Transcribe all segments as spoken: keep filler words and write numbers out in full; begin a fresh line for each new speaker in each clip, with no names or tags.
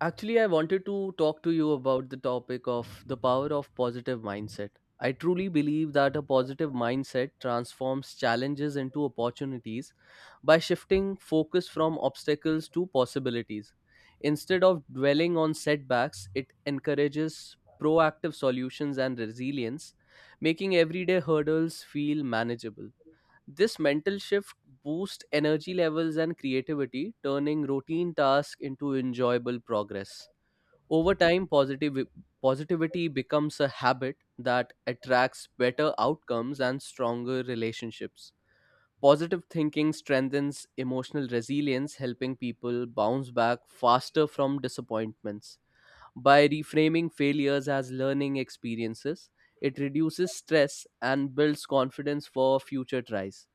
Actually, I wanted to talk to you about the topic of the power of positive mindset. I truly believe that a positive mindset transforms challenges into opportunities by shifting focus from obstacles to possibilities. Instead of dwelling on setbacks, it encourages proactive solutions and resilience, making everyday hurdles feel manageable. This mental shift boosts energy levels and creativity, turning routine tasks into enjoyable progress. Over time, positive, positivity becomes a habit that attracts better outcomes and stronger relationships. Positive thinking strengthens emotional resilience, helping people bounce back faster from disappointments. By reframing failures as learning experiences, it reduces stress and builds confidence for future tries.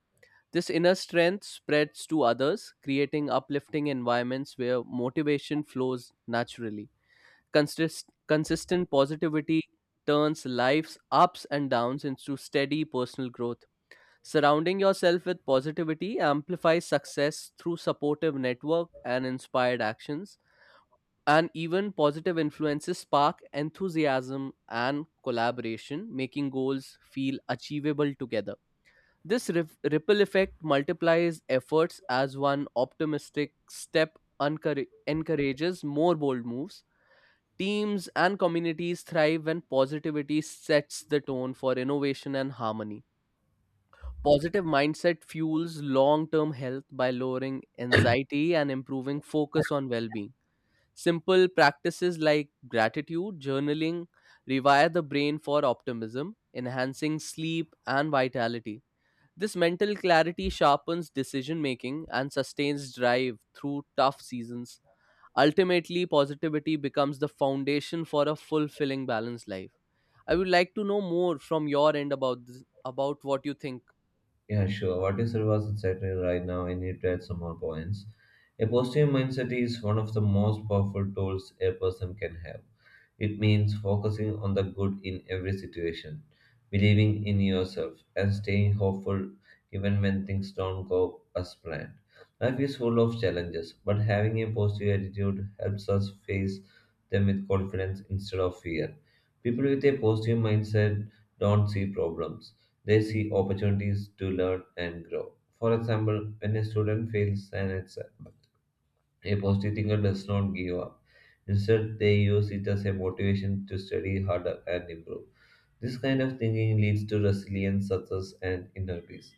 This inner strength spreads to others, creating uplifting environments where motivation flows naturally. Consist- consistent positivity turns life's ups and downs into steady personal growth. Surrounding yourself with positivity amplifies success through supportive network and inspired actions. And even positive influences spark enthusiasm and collaboration, making goals feel achievable together. This rif- ripple effect multiplies efforts as one optimistic step uncour- encourages more bold moves. Teams and communities thrive when positivity sets the tone for innovation and harmony. Positive mindset fuels long term health by lowering anxiety and improving focus on well being. Simple practices like gratitude, journaling, rewire the brain for optimism, enhancing sleep and vitality. This mental clarity sharpens decision making and sustains drive through tough seasons. Ultimately, positivity becomes the foundation for a fulfilling, balanced life. I would like to know more from your end about this, about what you think.
Yeah, sure. What you said was exactly right now. I need to add some more points. A positive mindset is one of the most powerful tools a person can have. It means focusing on the good in every situation, believing in yourself, and staying hopeful even when things don't go as planned. Life is full of challenges, but having a positive attitude helps us face them with confidence instead of fear. People with a positive mindset don't see problems they see opportunities to learn and grow. For example, when a student fails an exam, a positive thinker does not give up. Instead, they use it as a motivation to study harder and improve. This kind of thinking leads to resilience, success, and inner peace.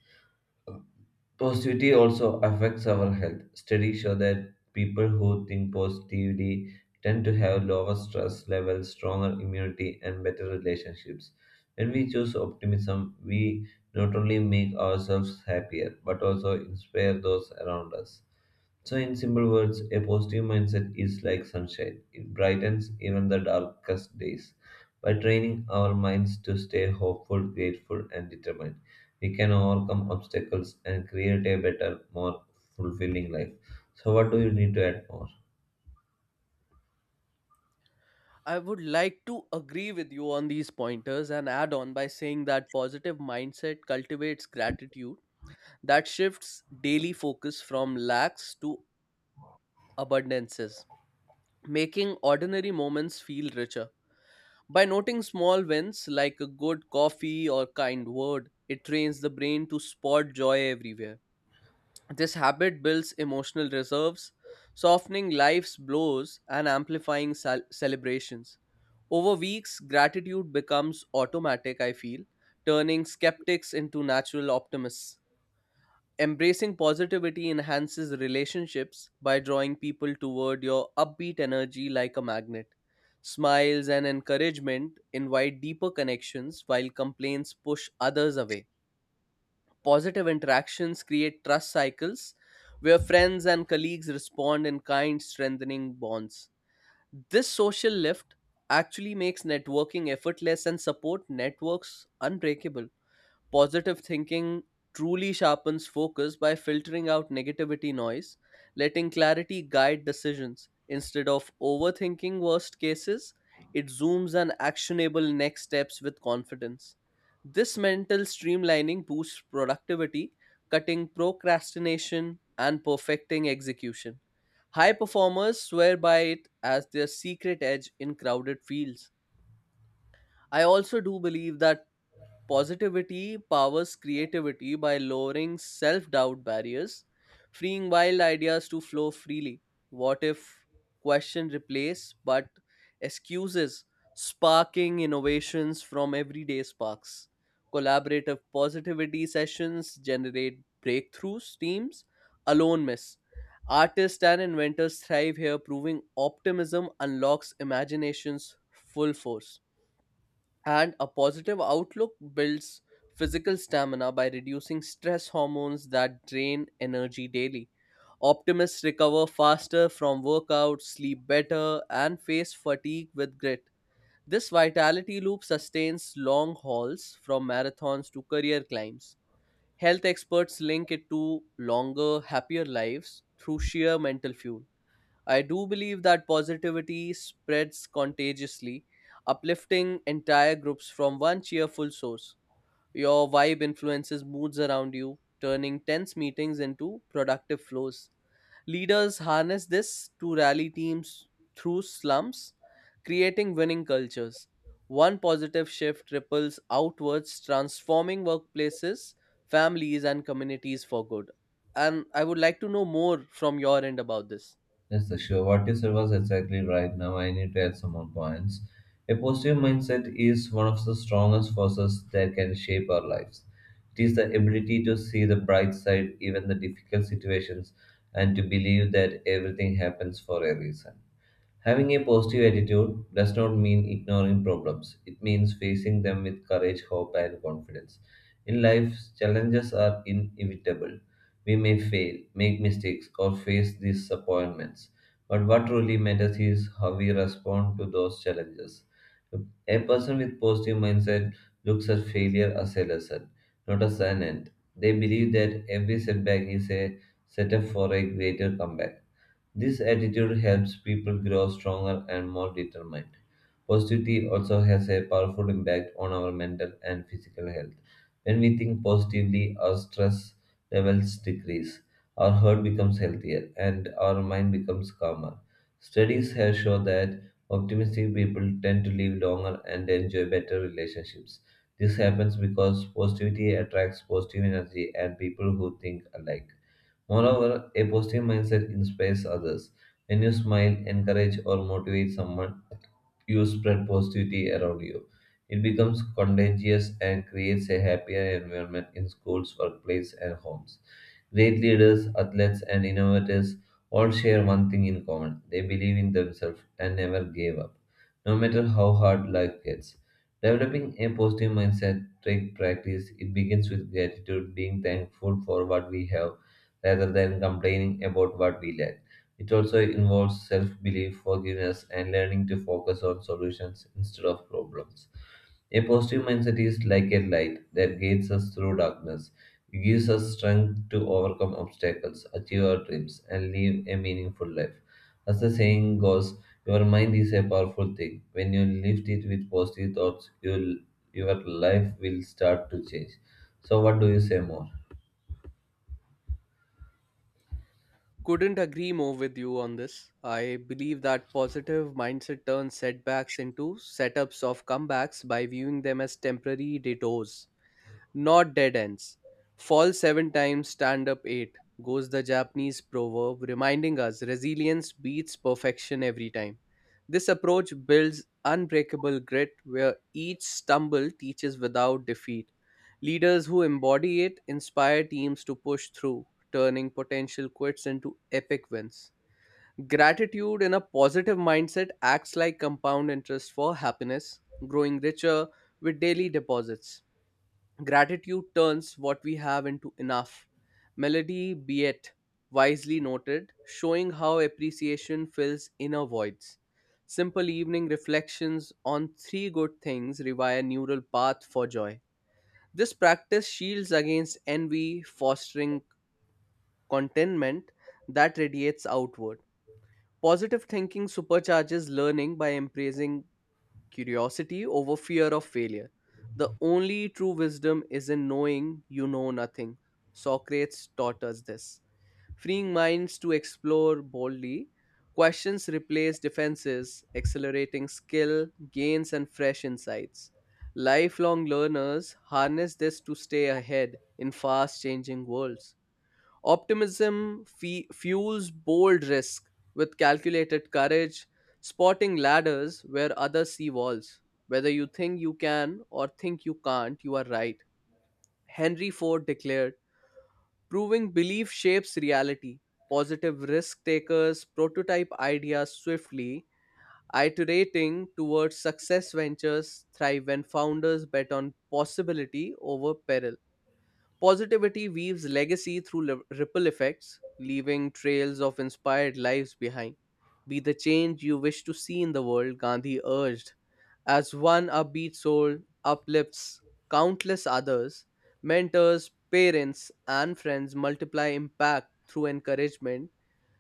Positivity also affects our health. Studies show that people who think positively tend to have lower stress levels, stronger immunity, and better relationships. When we choose optimism, we not only make ourselves happier but also inspire those around us. So, in simple words, a positive mindset is like sunshine. It brightens even the darkest days. By training our minds to stay hopeful, grateful, and determined, we can overcome obstacles and create a better, more fulfilling life. So, what do you need to add more?
I would like to agree with you on these pointers and add on by saying that positive mindset cultivates gratitude that shifts daily focus from lacks to abundances, making ordinary moments feel richer. By noting small wins like a good coffee or kind word, it trains the brain to spot joy everywhere. This habit builds emotional reserves, softening life's blows and amplifying cel- celebrations. Over weeks, gratitude becomes automatic, I feel, turning skeptics into natural optimists. Embracing positivity enhances relationships by drawing people toward your upbeat energy like a magnet. Smiles and encouragement invite deeper connections, while complaints push others away. Positive interactions create trust cycles where friends and colleagues respond in kind, strengthening bonds. This social lift actually makes networking effortless and support networks unbreakable. Positive thinking truly sharpens focus by filtering out negativity noise, letting clarity guide decisions. Instead of overthinking worst cases, it zooms on actionable next steps with confidence. This mental streamlining boosts productivity, cutting procrastination and perfecting execution. High performers swear by it as their secret edge in crowded fields. I also do believe that positivity powers creativity by lowering self doubt barriers, freeing wild ideas to flow freely. What if question replace but excuses, sparking innovations from everyday sparks? Collaborative positivity sessions generate breakthroughs, teams alone miss. Artists and inventors thrive here, proving optimism unlocks imagination's full force. And a positive outlook builds physical stamina by reducing stress hormones that drain energy daily. Optimists recover faster from workouts, sleep better, and face fatigue with grit. This vitality loop sustains long hauls from marathons to career climbs. Health experts link it to longer, happier lives through sheer mental fuel. I do believe that positivity spreads contagiously, uplifting entire groups from one cheerful source. Your vibe influences moods around you, turning tense meetings into productive flows. Leaders harness this to rally teams through slumps, creating winning cultures. One positive shift ripples outwards, transforming workplaces, families, and communities for good. And I would like to know more from your end about this.
Yes, sure. What you said was exactly right. Now I need to add some more points. A positive mindset is one of the strongest forces that can shape our lives. It is the ability to see the bright side, even the difficult situations, and to believe that everything happens for a reason. Having a positive attitude does not mean ignoring problems. It means facing them with courage, hope, and confidence. In life, challenges are inevitable. We may fail, make mistakes, or face disappointments. But what really matters is how we respond to those challenges. A person with positive mindset looks at failure as a lesson, not as an end. They believe that every setback is a setup for a greater comeback. This attitude helps people grow stronger and more determined. Positivity also has a powerful impact on our mental and physical health. When we think positively, our stress levels decrease, our heart becomes healthier, and our mind becomes calmer. Studies have shown that optimistic people tend to live longer and enjoy better relationships. This happens because positivity attracts positive energy and people who think alike. Moreover, a positive mindset inspires others. When you smile, encourage, or motivate someone, you spread positivity around you. It becomes contagious and creates a happier environment in schools, workplace, and homes. Great leaders, athletes, and innovators all share one thing in common they believe in themselves and never gave up, no matter how hard life gets. Developing a positive mindset takes practice. It begins with gratitude, being thankful for what we have rather than complaining about what we lack. It also involves self belief, forgiveness, and learning to focus on solutions instead of problems. A positive mindset is like a light that guides us through darkness. It gives us strength to overcome obstacles, achieve our dreams, and live a meaningful life. As the saying goes, your mind is a powerful thing. When you lift it with positive thoughts, you'll, your life will start to change. So, what do you say more?
Couldn't agree more with you on this. I believe that positive mindset turns setbacks into setups of comebacks by viewing them as temporary detours not dead ends. Fall seven times, stand up eight, goes the Japanese proverb, reminding us resilience beats perfection every time. This approach builds unbreakable grit where each stumble teaches without defeat. Leaders who embody it inspire teams to push through, turning potential quits into epic wins. Gratitude in a positive mindset acts like compound interest for happiness, growing richer with daily deposits. Gratitude turns what we have into enough. Melody, be it wisely noted, showing how appreciation fills inner voids. Simple evening reflections on three good things revive a neural path for joy. This practice shields against envy, fostering contentment that radiates outward. Positive thinking supercharges learning by embracing curiosity over fear of failure. The only true wisdom is in knowing you know nothing. Socrates taught us this. Freeing minds to explore boldly, questions replace defenses, accelerating skill, gains, and fresh insights. Lifelong learners harness this to stay ahead in fast changing worlds. Optimism fe- fuels bold risk with calculated courage, spotting ladders where others see walls. Whether you think you can or think you can't, you are right. Henry Ford declared, proving belief shapes reality. Positive risk takers prototype ideas swiftly, iterating towards success ventures thrive when founders bet on possibility over peril. Positivity weaves legacy through li- ripple effects, leaving trails of inspired lives behind. Be the change you wish to see in the world, Gandhi urged. As one upbeat soul uplifts countless others, mentors, parents, and friends multiply impact through encouragement.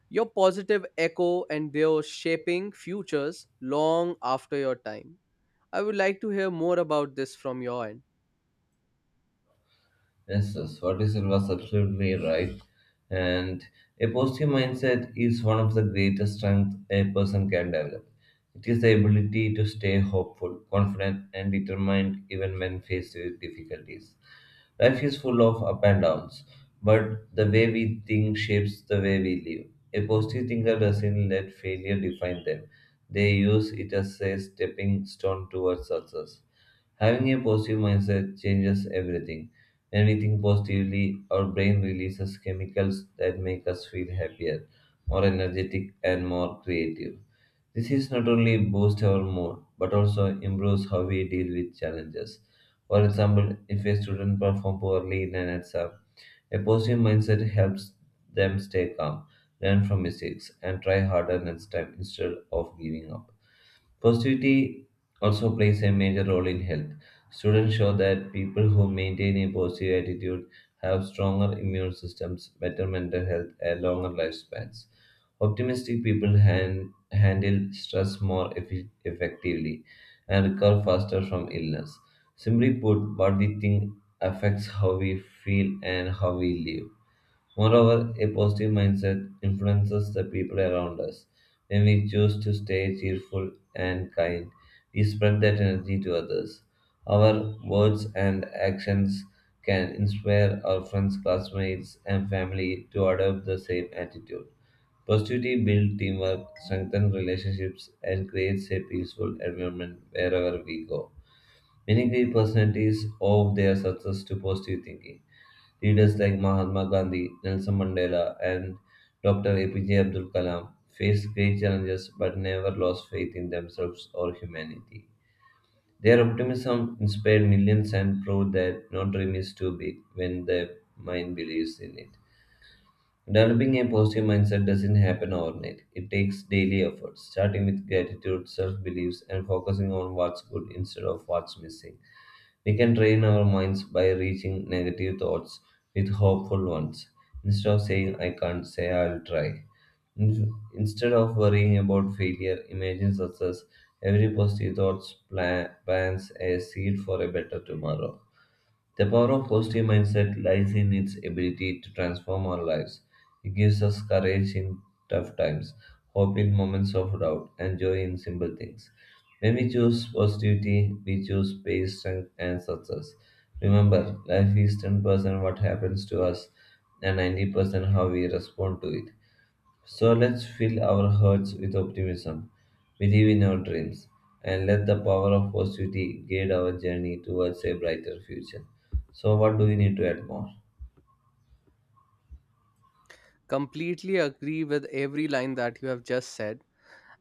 Your positive echo endures shaping futures long after your time. I would like to hear more about this from your end.
Yes, yes, what you said was absolutely right. And a positive mindset is one of the greatest strengths a person can develop. It is the ability to stay hopeful, confident, and determined even when faced with difficulties. Life is full of up and downs, but the way we think shapes the way we live. A positive thinker doesn't let failure define them, they use it as a stepping stone towards success. Having a positive mindset changes everything. When we think positively, our brain releases chemicals that make us feel happier, more energetic, and more creative. This is not only boosts our mood but also improves how we deal with challenges. For example, if a student performs poorly in an exam, a positive mindset helps them stay calm, learn from mistakes, and try harder next time instead of giving up. Positivity also plays a major role in health. Students show that people who maintain a positive attitude have stronger immune systems, better mental health, and longer lifespans. Optimistic people han- handle stress more effi- effectively and recover faster from illness. Simply put, what we think affects how we feel and how we live. Moreover, a positive mindset influences the people around us. When we choose to stay cheerful and kind, we spread that energy to others. Our words and actions can inspire our friends, classmates, and family to adopt the same attitude. Positivity builds teamwork, strengthens relationships, and creates a peaceful environment wherever we go. Many great personalities owe their success to positive thinking. Leaders like Mahatma Gandhi, Nelson Mandela, and Doctor A P J Abdul Kalam faced great challenges but never lost faith in themselves or humanity. Their optimism inspired millions and proved that no dream is too big when the mind believes in it. Developing a positive mindset doesn't happen overnight. It takes daily efforts, starting with gratitude, self beliefs, and focusing on what's good instead of what's missing. We can train our minds by reaching negative thoughts with hopeful ones. Instead of saying, I can't, say, I'll try. In- Instead of worrying about failure, imagine success. Every positive thought pla- plants a seed for a better tomorrow. The power of positive mindset lies in its ability to transform our lives. It gives us courage in tough times, hope in moments of doubt, and joy in simple things. When we choose positivity, we choose peace, strength, and success. Remember, life is ten percent what happens to us and ninety percent how we respond to it. So let's fill our hearts with optimism, believe in our dreams, and let the power of positivity guide our journey towards a brighter future. So, what do we need to add more?
Completely agree with every line that you have just said.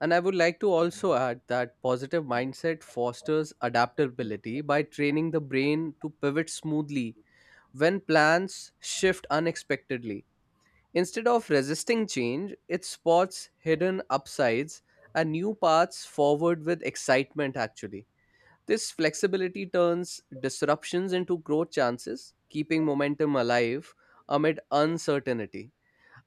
And I would like to also add that positive mindset fosters adaptability by training the brain to pivot smoothly when plans shift unexpectedly. Instead of resisting change, it spots hidden upsides and new paths forward with excitement, actually. This flexibility turns disruptions into growth chances, keeping momentum alive amid uncertainty.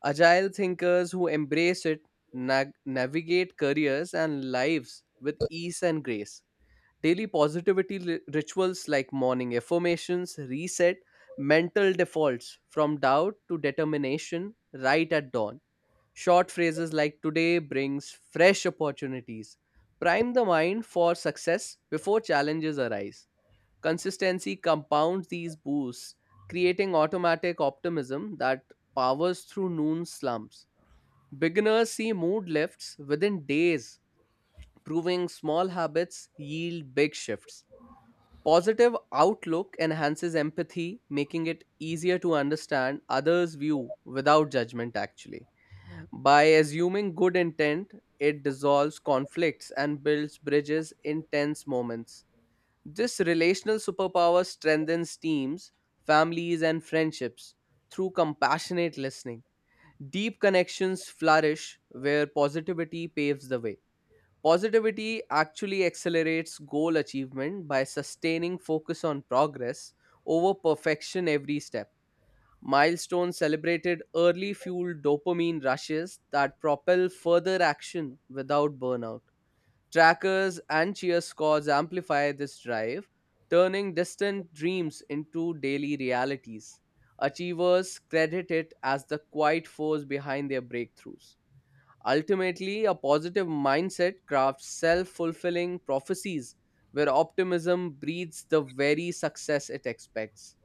Agile thinkers who embrace it nag- navigate careers and lives with ease and grace. Daily positivity li- rituals like morning affirmations reset mental defaults from doubt to determination right at dawn. Short phrases like today brings fresh opportunities prime the mind for success before challenges arise. Consistency compounds these boosts, creating automatic optimism that powers through noon slumps. Beginners see mood lifts within days, proving small habits yield big shifts. Positive outlook enhances empathy, making it easier to understand others' view without judgment, actually. By assuming good intent, it dissolves conflicts and builds bridges in tense moments. This relational superpower strengthens teams, families, and friendships through compassionate listening. Deep connections flourish where positivity paves the way. Positivity actually accelerates goal achievement by sustaining focus on progress over perfection every step. Milestones celebrated early fueled dopamine rushes that propel further action without burnout. Trackers and cheer squads amplify this drive, turning distant dreams into daily realities. Achievers credit it as the quiet force behind their breakthroughs. Ultimately, a positive mindset crafts self fulfilling prophecies where optimism breeds the very success it expects.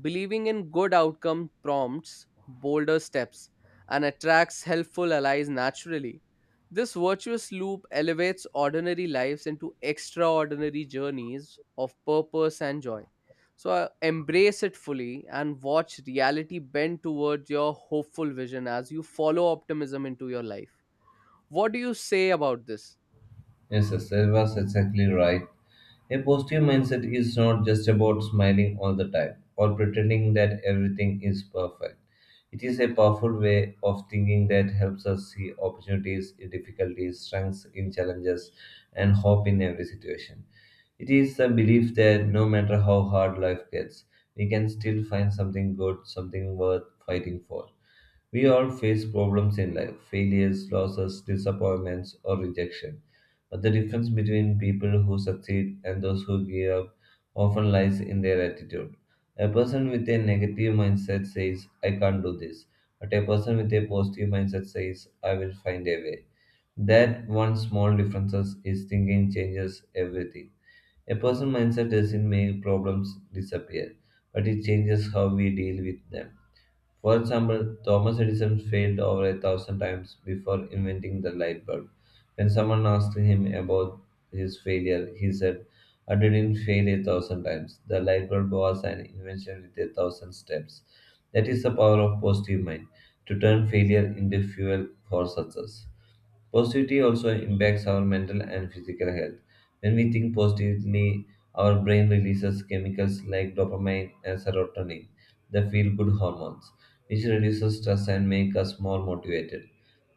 Believing in good outcome prompts bolder steps and attracts helpful allies naturally. This virtuous loop elevates ordinary lives into extraordinary journeys of purpose and joy. So uh, embrace it fully and watch reality bend towards your hopeful vision as you follow optimism into your life. What do you say about this?
Yes, yes, that was exactly right. A positive mindset is not just about smiling all the time or pretending that everything is perfect. It is a powerful way of thinking that helps us see opportunities in difficulties, strengths in challenges, and hope in every situation. It is the belief that no matter how hard life gets, we can still find something good, something worth fighting for. We all face problems in life failures, losses, disappointments, or rejection. But the difference between people who succeed and those who give up often lies in their attitude. A person with a negative mindset says, I can't do this. But a person with a positive mindset says, I will find a way. That one small difference is thinking changes everything. A person's mindset doesn't make problems disappear, but it changes how we deal with them. For example, Thomas Edison failed over a thousand times before inventing the light bulb. When someone asked him about his failure, he said, I didn't fail a thousand times. The light bulb was an invention with a thousand steps. That is the power of positive mind to turn failure into fuel for success. Positivity also impacts our mental and physical health. When we think positively, our brain releases chemicals like dopamine and serotonin, the feel good hormones, which reduces stress and make us more motivated.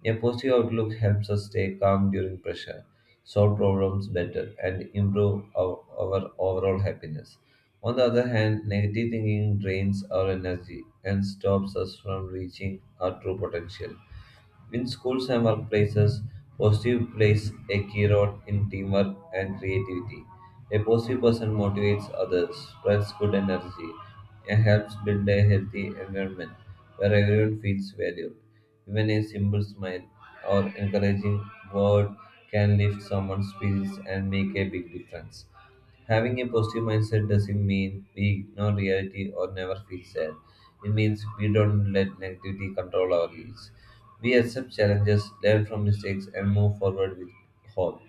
A positive outlook helps us stay calm during pressure, solve problems better, and improve our, our overall happiness. On the other hand, negative thinking drains our energy and stops us from reaching our true potential. In schools and workplaces, positive plays a key role in teamwork and creativity. A positive person motivates others, spreads good energy, and helps build a healthy environment where everyone feels valued. Even a simple smile or encouraging word can lift someone's spirits and make a big difference. Having a positive mindset doesn't mean we ignore reality or never feel sad. It means we don't let negativity control our lives. We accept challenges, learn from mistakes, and move forward with hope.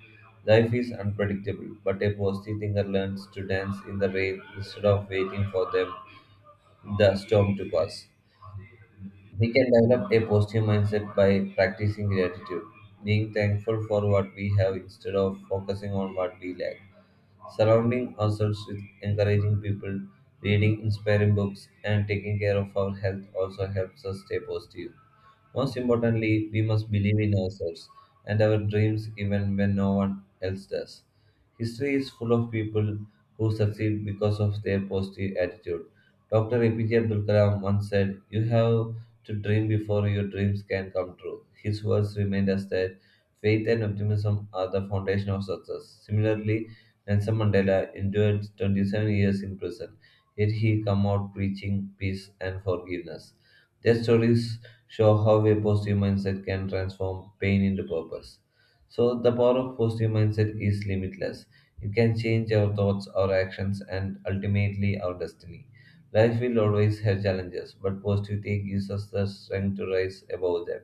Life is unpredictable, but a positive thinker learns to dance in the rain instead of waiting for them the storm to pass. We can develop a positive mindset by practicing gratitude, being thankful for what we have instead of focusing on what we lack surrounding ourselves with encouraging people, reading inspiring books, and taking care of our health also helps us stay positive. Most importantly, we must believe in ourselves and our dreams even when no one else does. History is full of people who succeed because of their positive attitude. Doctor A P J Abdul Kalam once said, you have to dream before your dreams can come true. His words remind us that faith and optimism are the foundation of success. Similarly, Nelson Mandela endured twenty-seven years in prison, yet he came out preaching peace and forgiveness. Their stories show how a positive mindset can transform pain into purpose. So, the power of positive mindset is limitless. It can change our thoughts, our actions, and ultimately our destiny. Life will always have challenges, but positivity gives us the strength to rise above them.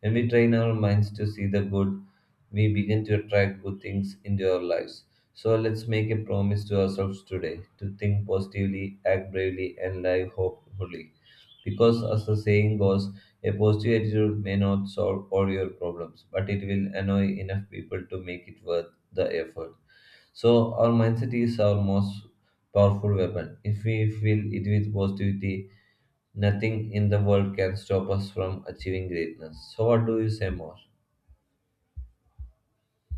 When we train our minds to see the good, we begin to attract good things into our lives. So let's make a promise to ourselves today to think positively, act bravely, and live hopefully. Because, as the saying goes, a positive attitude may not solve all your problems, but it will annoy enough people to make it worth the effort. So, our mindset is our most powerful weapon. If we fill it with positivity, nothing in the world can stop us from achieving greatness. So, what do you say more?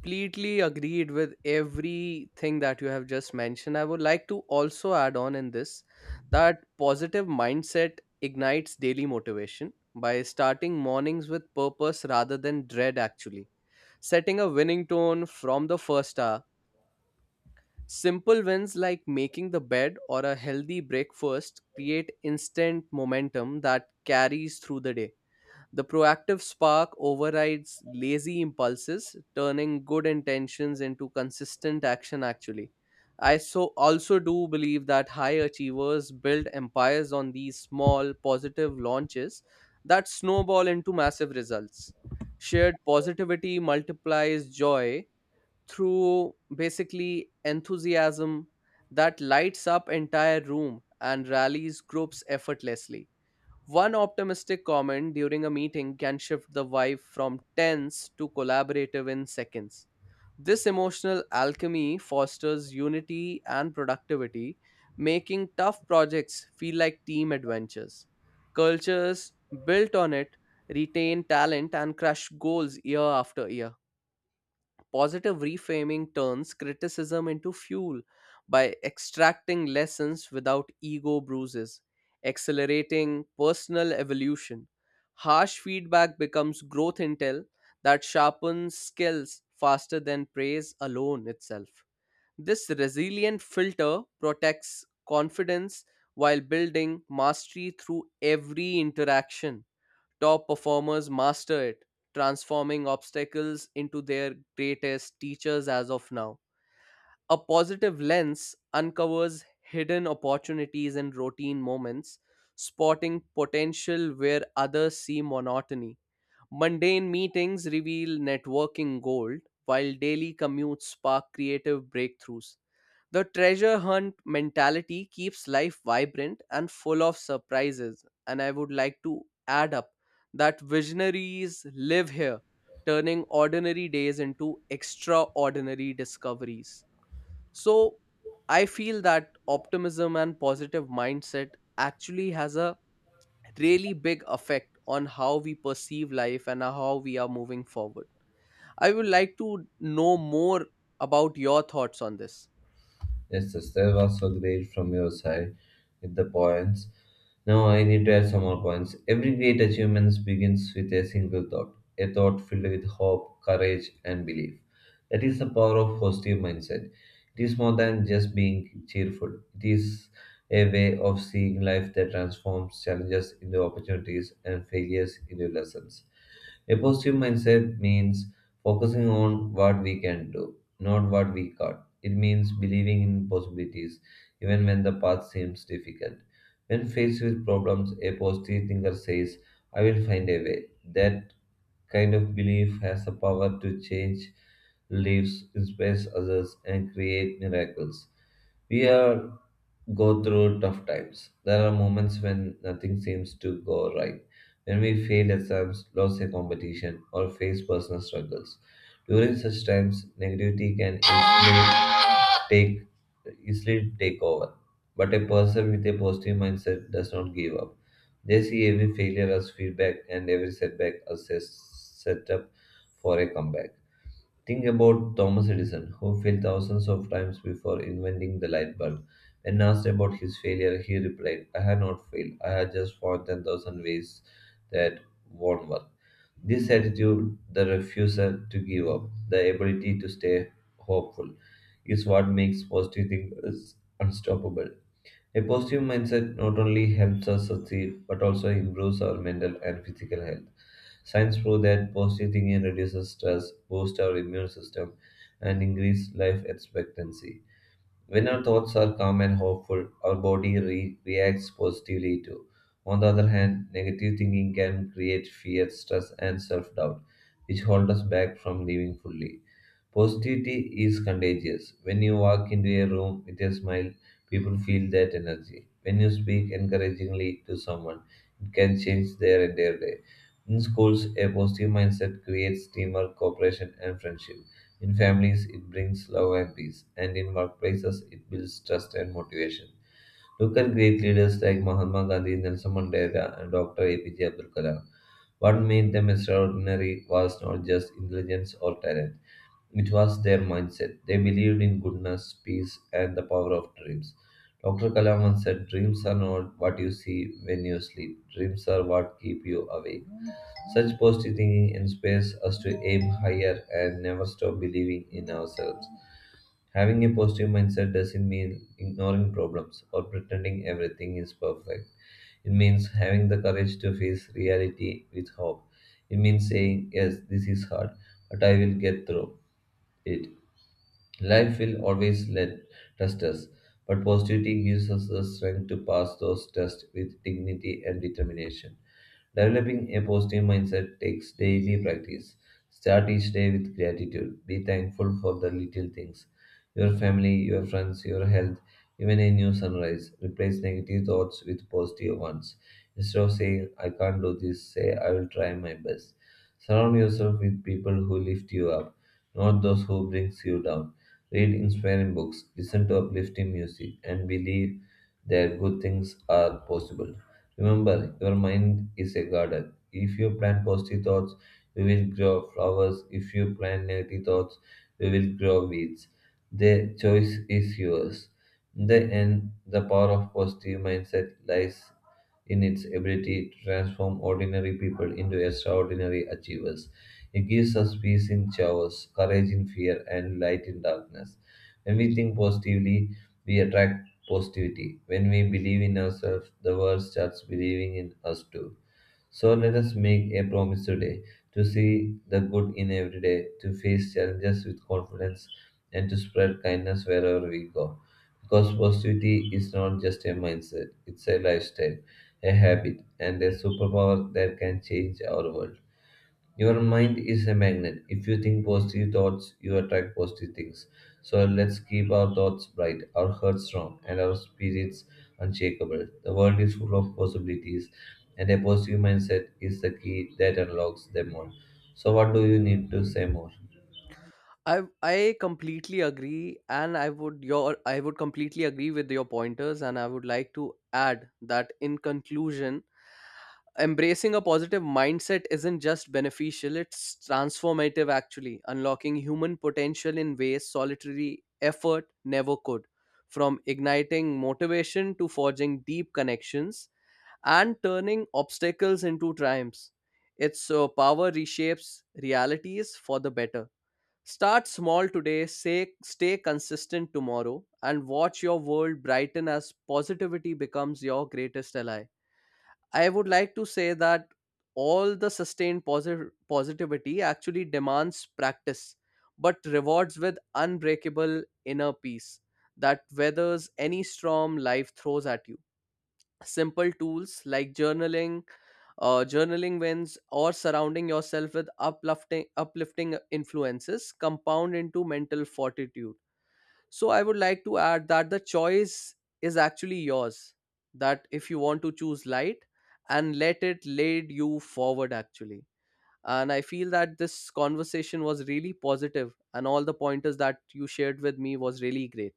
Completely agreed with everything that you have just mentioned. I would like to also add on in this that positive mindset ignites daily motivation by starting mornings with purpose rather than dread, actually. Setting a winning tone from the first hour, simple wins like making the bed or a healthy breakfast create instant momentum that carries through the day. The proactive spark overrides lazy impulses, turning good intentions into consistent action actually. I so also do believe that high achievers build empires on these small positive launches that snowball into massive results. Shared positivity multiplies joy through basically enthusiasm that lights up entire room and rallies groups effortlessly. One optimistic comment during a meeting can shift the vibe from tense to collaborative in seconds. This emotional alchemy fosters unity and productivity, making tough projects feel like team adventures. Cultures built on it retain talent and crush goals year after year. Positive reframing turns criticism into fuel by extracting lessons without ego bruises, accelerating personal evolution. Harsh feedback becomes growth intel that sharpens skills faster than praise alone itself. This resilient filter protects confidence while building mastery through every interaction. Top performers master it, transforming obstacles into their greatest teachers as of now. A positive lens uncovers hidden opportunities in routine moments, spotting potential where others see monotony. Mundane meetings reveal networking gold, while daily commutes spark creative breakthroughs. The treasure hunt mentality keeps life vibrant and full of surprises, and I would like to add up that visionaries live here, turning ordinary days into extraordinary discoveries. So, I feel that optimism and positive mindset actually has a really big effect on how we perceive life and how we are moving forward. I would like to know more about your thoughts on this.
Yes, yes, that was so great from your side with the points. Now I need to add some more points. Every great achievement begins with a single thought, a thought filled with hope, courage, and belief. That is the power of positive mindset. It is more than just being cheerful. It is a way of seeing life that transforms challenges into opportunities and failures into lessons. A positive mindset means focusing on what we can do, not what we can't. It means believing in possibilities, even when the path seems difficult. When faced with problems, a positive thinker says, I will find a way. That kind of belief has the power to change lives, inspire others, and create miracles. We are go through tough times. There are moments when nothing seems to go right when we fail exams, lose a competition, or face personal struggles. During such times, negativity can easily take, easily take over. But a person with a positive mindset does not give up. They see every failure as feedback and every setback as a setup for a comeback. Think about Thomas Edison, who failed thousands of times before inventing the light bulb. When asked about his failure, he replied, I had not failed. I had just found ten thousand ways that won't work. This attitude, the refusal to give up, the ability to stay hopeful, is what makes positive thinkers unstoppable. A positive mindset not only helps us succeed but also improves our mental and physical health. Science proves that positive thinking reduces stress, boosts our immune system, and increases life expectancy. When our thoughts are calm and hopeful, our body re- reacts positively too. On the other hand, negative thinking can create fear, stress, and self doubt, which hold us back from living fully. Positivity is contagious. When you walk into a room with a smile, people feel that energy. When you speak encouragingly to someone, it can change their entire day. In schools, a positive mindset creates teamwork, cooperation, and friendship. In families, it brings love and peace. And in workplaces, it builds trust and motivation. Look at great leaders like Mahatma Gandhi, Nelson Mandela, and Doctor A P J Abdul Kalam. What made them extraordinary was not just intelligence or talent, it was their mindset. They believed in goodness, peace, and the power of dreams. Doctor Kalam once said, Dreams are not what you see when you sleep, dreams are what keep you awake. Such positive thinking inspires us to aim higher and never stop believing in ourselves. Having a positive mindset doesn't mean ignoring problems or pretending everything is perfect. It means having the courage to face reality with hope. It means saying, Yes, this is hard, but I will get through it. Life will always let test us, but positivity gives us the strength to pass those tests with dignity and determination. Developing a positive mindset takes daily practice. Start each day with gratitude. Be thankful for the little things. Your family, your friends, your health, even a new sunrise. Replace negative thoughts with positive ones. Instead of saying, I can't do this, say, I will try my best. Surround yourself with people who lift you up, not those who brings you down read inspiring books, listen to uplifting music, and believe that good things are possible. Remember, your mind is a garden. If you plant positive thoughts, you will grow flowers. If you plant negative thoughts, you will grow weeds. The choice is yours. In the end, the power of positive mindset lies in its ability to transform ordinary people into extraordinary achievers. It gives us peace in chaos, courage in fear, and light in darkness. When we think positively, we attract positivity. When we believe in ourselves, the world starts believing in us too. So let us make a promise today to see the good in every day, to face challenges with confidence, and to spread kindness wherever we go. Because positivity is not just a mindset, it's a lifestyle, a habit, and a superpower that can change our world. Your mind is a magnet. If you think positive thoughts, you attract positive things. So let's keep our thoughts bright, our hearts strong, and our spirits unshakable. The world is full of possibilities, and a positive mindset is the key that unlocks them all. So, what do you need to say more?
I I completely agree, and I would your I would completely agree with your pointers, and I would like to add that in conclusion, embracing a positive mindset isn't just beneficial; it's transformative. Actually, unlocking human potential in ways solitary effort never could, from igniting motivation to forging deep connections and turning obstacles into triumphs. Its uh, power reshapes realities for the better. Start small today, say, stay consistent tomorrow, and watch your world brighten as positivity becomes your greatest ally. I would like to say that all the sustained posi- positivity actually demands practice, but rewards with unbreakable inner peace that weathers any storm life throws at you. Simple tools like journaling, uh, journaling wins or surrounding yourself with uplifting uplifting influences compound into mental fortitude. So I would like to add that the choice is actually yours, that if you want to choose light and let it lead you forward actually. And I feel that this conversation was really positive and all the pointers that you shared with me was really great.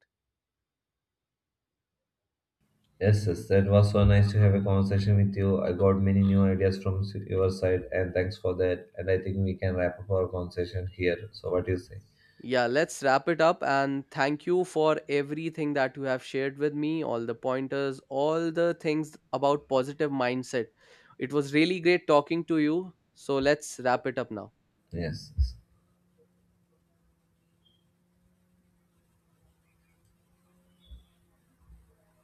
Yes, yes, that was so nice to have a conversation with you. I got many new ideas from s- your side, and thanks for that. And I think we can wrap up our conversation here. So, what do you say?
Yeah, let's wrap it up and thank you for everything that you have shared with me, all the pointers, all the things about positive mindset. It was really great talking to you. So let's wrap it up now.
Yes.